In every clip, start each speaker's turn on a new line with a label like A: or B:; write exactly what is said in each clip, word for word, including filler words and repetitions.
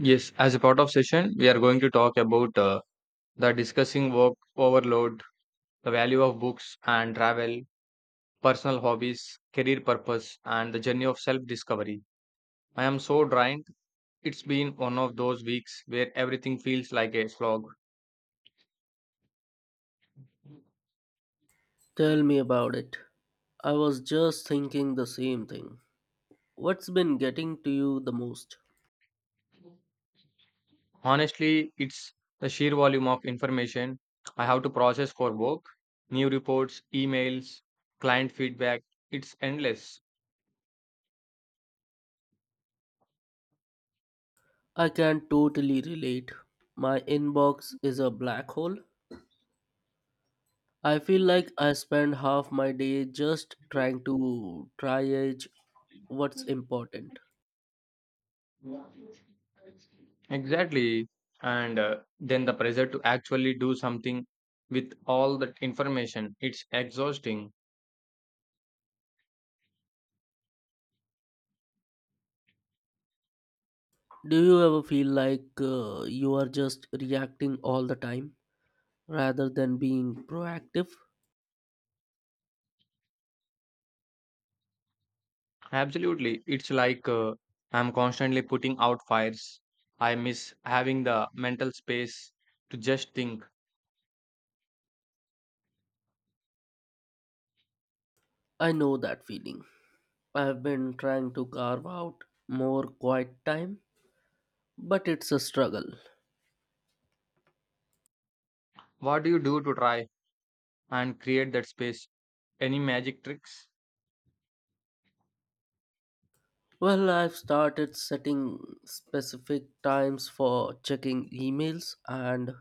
A: Yes, as a part of session, we are going to talk about uh, the discussing work overload, the value of books and travel, personal hobbies, career purpose, and the journey of self discovery. I am so drained. It's been one of those weeks where everything feels like a slog.
B: Tell me about it. I was just thinking the same thing. What's been getting to you the most?
A: Honestly, it's the sheer volume of information I have to process for work, new reports, emails, client feedback. It's endless.
B: I can totally relate. My inbox is a black hole. I feel like I spend half my day just trying to triage what's important.
A: Exactly. And uh, then the pressure to actually do something with all that information, it's exhausting.
B: Do you ever feel like uh, you are just reacting all the time rather than being proactive?
A: Absolutely. It's like uh, I'm constantly putting out fires. I miss having the mental space to just think.
B: I know that feeling. I've been trying to carve out more quiet time but it's a struggle.
A: What do you do to try and create that space? Any magic tricks?
B: Well, I've started setting specific times for checking emails, and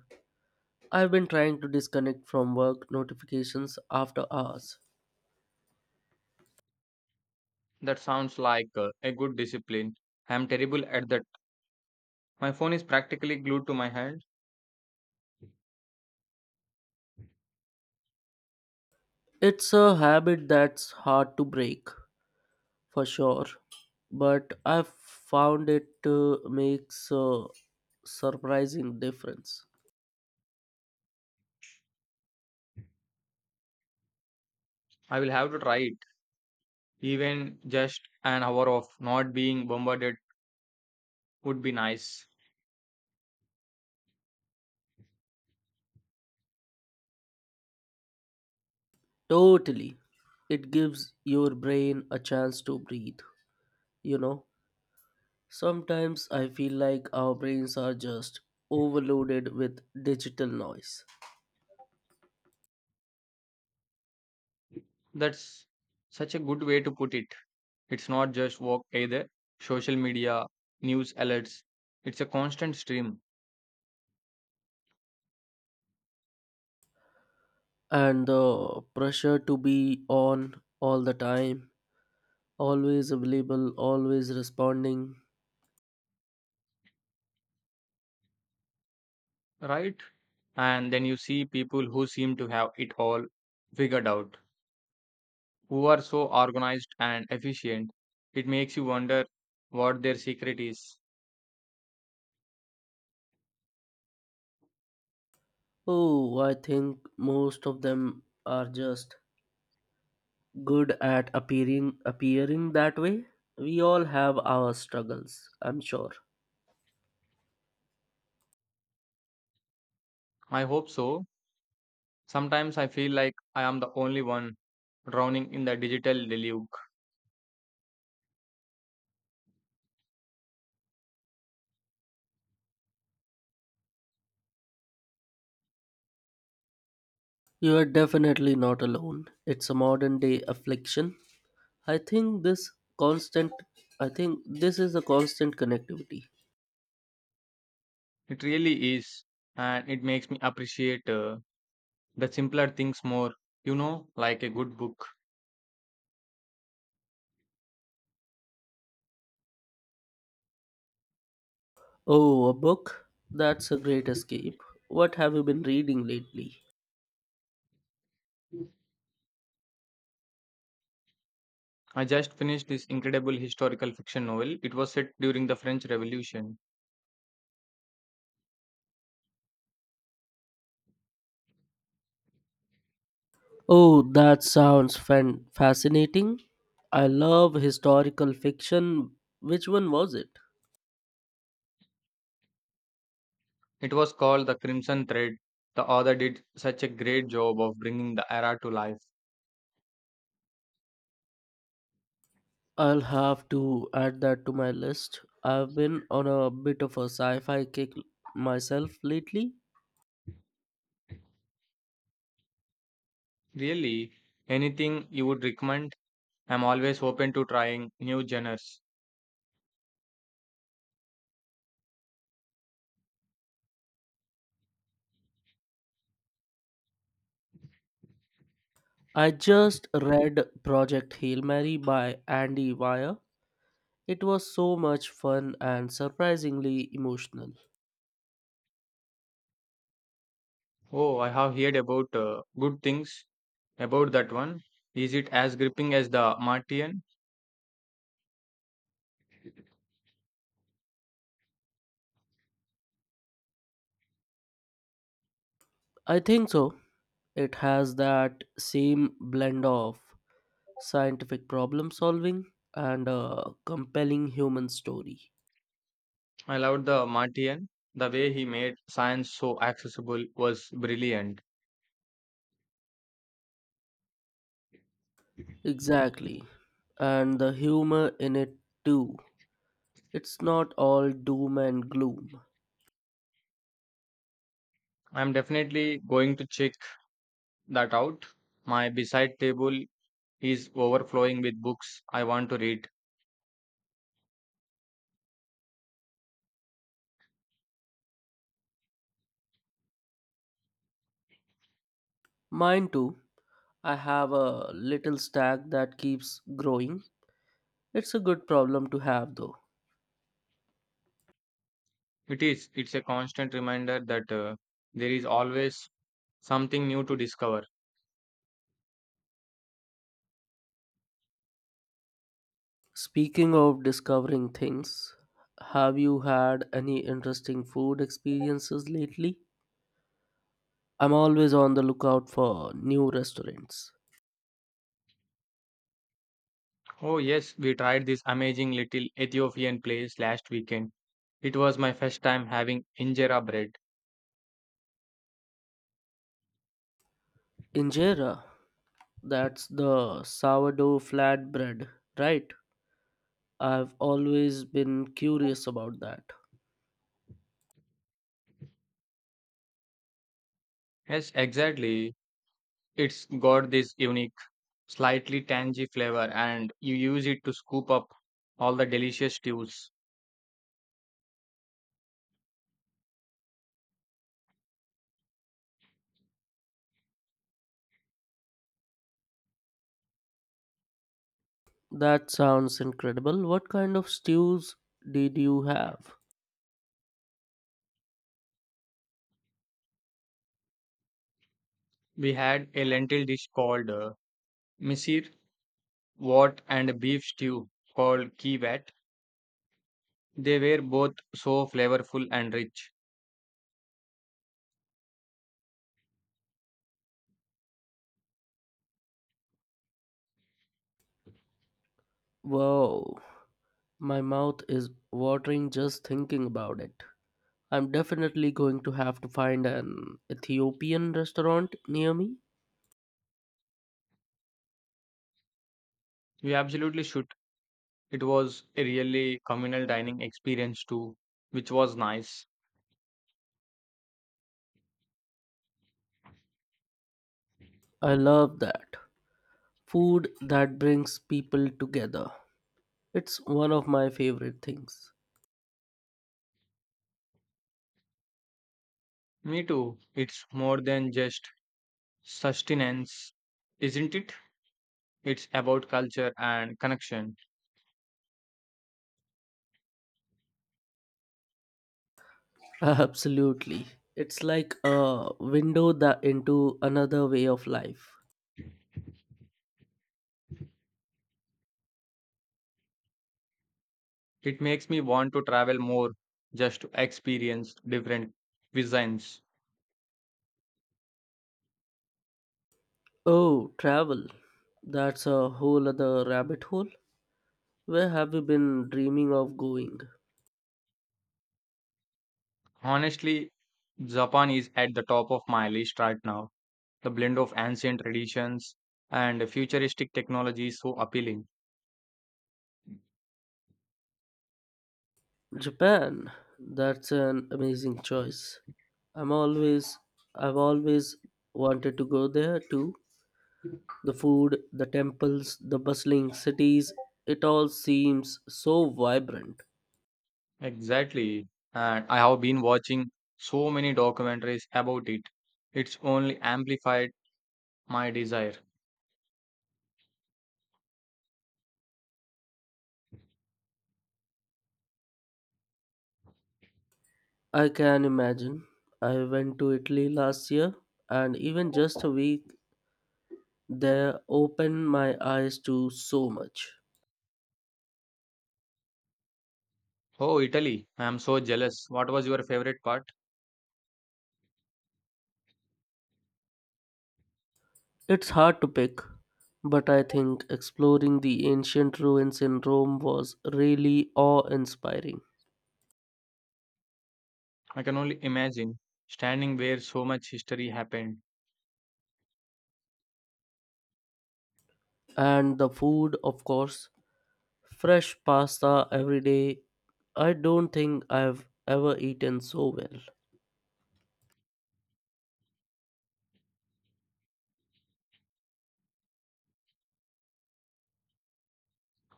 B: I've been trying to disconnect from work notifications after hours.
A: That sounds like uh, a good discipline. I'm terrible at that. My phone is practically glued to my hand.
B: It's a habit that's hard to break, for sure, but I've found it uh, makes a surprising difference.
A: I will have to try it. Even just an hour of not being bombarded would be nice.
B: Totally. It gives your brain a chance to breathe, you know. Sometimes I feel like our brains are just overloaded with digital noise
A: That's such a good way to put it. It's not just work either. Social media, news alerts, it's a constant stream,
B: and the pressure to be on all the time, always available, always responding.
A: right? And then you see people who seem to have it all figured out, who are so organized and efficient. It makes you wonder what their secret is.
B: Oh, I think most of them are just good at appearing appearing that way. We all have our struggles, I'm sure.
A: I hope so. Sometimes I feel like I am the only one drowning in the digital deluge.
B: You are definitely not alone. It's a modern day affliction. I think this constant I think this is a constant connectivity.
A: It really is, and it makes me appreciate. Uh, the simpler things more, you know, like a good book.
B: Oh, a book? That's a great escape. What have you been reading lately?
A: I just finished this incredible historical fiction novel. It was set during the French Revolution.
B: Oh, that sounds fan- fascinating. I love historical fiction. Which one was it?
A: It was called The Crimson Thread. The author did such a great job of bringing the era to life.
B: I'll have to add that to my list. I've been on a bit of a sci-fi kick myself lately.
A: Really, anything you would recommend? I'm always open to trying new genres.
B: I just read Project Hail Mary by Andy Weir. It was so much fun and surprisingly emotional.
A: Oh, I have heard about uh, good things about that one. Is it as gripping as the Martian?
B: I think so. It has that same blend of scientific problem solving and a compelling human story.
A: I loved the Martian. The way he made science so accessible was brilliant.
B: Exactly. And the humor in it too. It's not all doom and gloom.
A: I'm definitely going to check that out. My beside table is overflowing with books I want to read.
B: Mine too. I have a little stack that keeps growing. It's a good problem to have though.
A: It is. It's a constant reminder that uh, there is always something new to discover.
B: Speaking of discovering things, have you had any interesting food experiences lately? I'm always on the lookout for new restaurants.
A: Oh yes, we tried this amazing little Ethiopian place last weekend. It was my first time having injera bread.
B: Injera, that's the sourdough flatbread, right? I've always been curious about that.
A: Yes, exactly. It's got this unique slightly tangy flavor, and you use it to scoop up all the delicious stews.
B: That sounds incredible. What kind of stews did you have?
A: We had a lentil dish called uh, misir wat and a beef stew called kiwat. They were both so flavorful and rich.
B: Wow, my mouth is watering just thinking about it. I'm definitely going to have to find an Ethiopian restaurant near me.
A: You absolutely should. It was a really communal dining experience too, which was nice.
B: I love that. Food that brings people together. It's one of my favorite things.
A: Me too. It's more than just sustenance, isn't it? It's about culture and connection.
B: Absolutely. It's like a window that into another way of life.
A: It makes me want to travel more just to experience different cuisines.
B: Oh, travel. That's a whole other rabbit hole. Where have you been dreaming of going?
A: Honestly, Japan is at the top of my list right now. The blend of ancient traditions and futuristic technology is so appealing.
B: Japan, that's an amazing choice. I'm always I've always wanted to go there too. The food, the temples, the bustling cities, it all seems so vibrant.
A: Exactly. And I have been watching so many documentaries about it. It's only amplified my desire.
B: I can imagine. I went to Italy last year and even just a week there opened my eyes to so much.
A: Oh, Italy. I am so jealous. What was your favorite part?
B: It's hard to pick, but I think exploring the ancient ruins in Rome was really awe-inspiring.
A: I can only imagine standing where so much history happened.
B: And the food, of course, fresh pasta every day. I don't think I've ever eaten so well.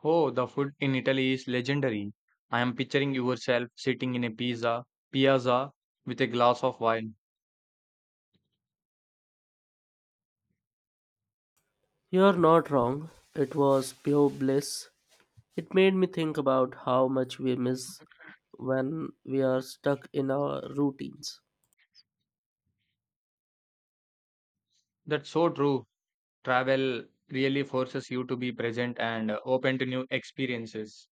A: Oh, the food in Italy is legendary. I am picturing yourself sitting in a pizza piazza with a glass of wine.
B: You're not wrong. It was pure bliss. It made me think about how much we miss when we are stuck in our routines.
A: That's so true. Travel really forces you to be present and uh, open to new experiences.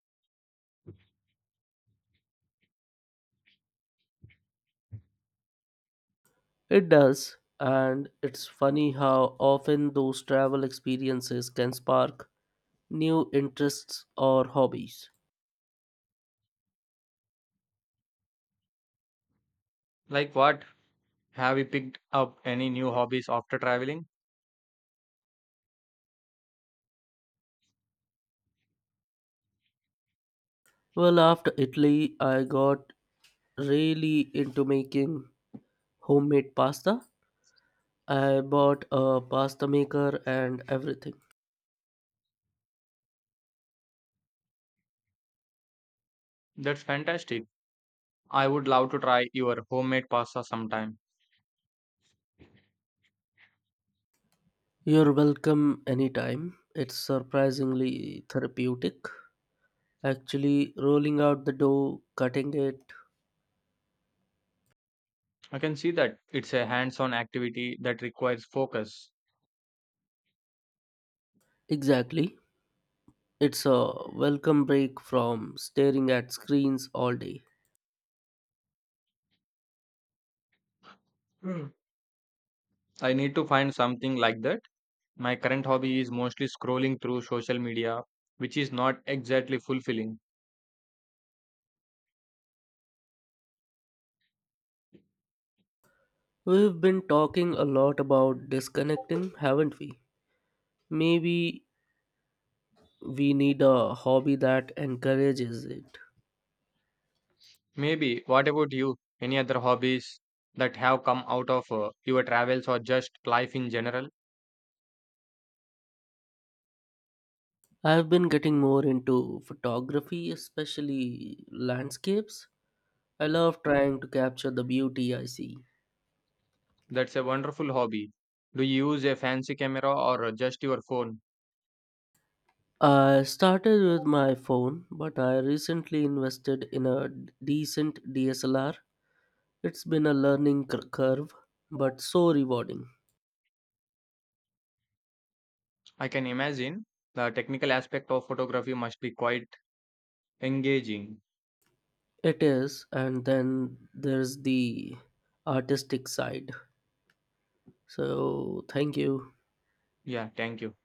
B: It does, and it's funny how often those travel experiences can spark new interests or hobbies.
A: Like what? Have you picked up any new hobbies after traveling?
B: Well, after Italy I got really into making homemade pasta. I bought a pasta maker and everything.
A: That's fantastic. I would love to try your homemade pasta sometime.
B: You're welcome anytime. It's surprisingly therapeutic. Actually, rolling out the dough, cutting it.
A: I can see that it's a hands-on activity that requires focus.
B: Exactly. It's a welcome break from staring at screens all day.
A: Hmm. I need to find something like that. My current hobby is mostly scrolling through social media, which is not exactly fulfilling.
B: We've been talking a lot about disconnecting, haven't we? Maybe we need a hobby that encourages it.
A: Maybe, what about you? Any other hobbies that have come out of uh, your travels or just life in general?
B: I've been getting more into photography, especially landscapes. I love trying to capture the beauty I see.
A: That's a wonderful hobby. Do you use a fancy camera or uh, just your phone?
B: I started with my phone, but I recently invested in a d- decent D S L R. It's been a learning cur- curve, but so rewarding.
A: I can imagine the technical aspect of photography must be quite engaging.
B: It is, and then there's the artistic side. So, thank you.
A: Yeah, thank you.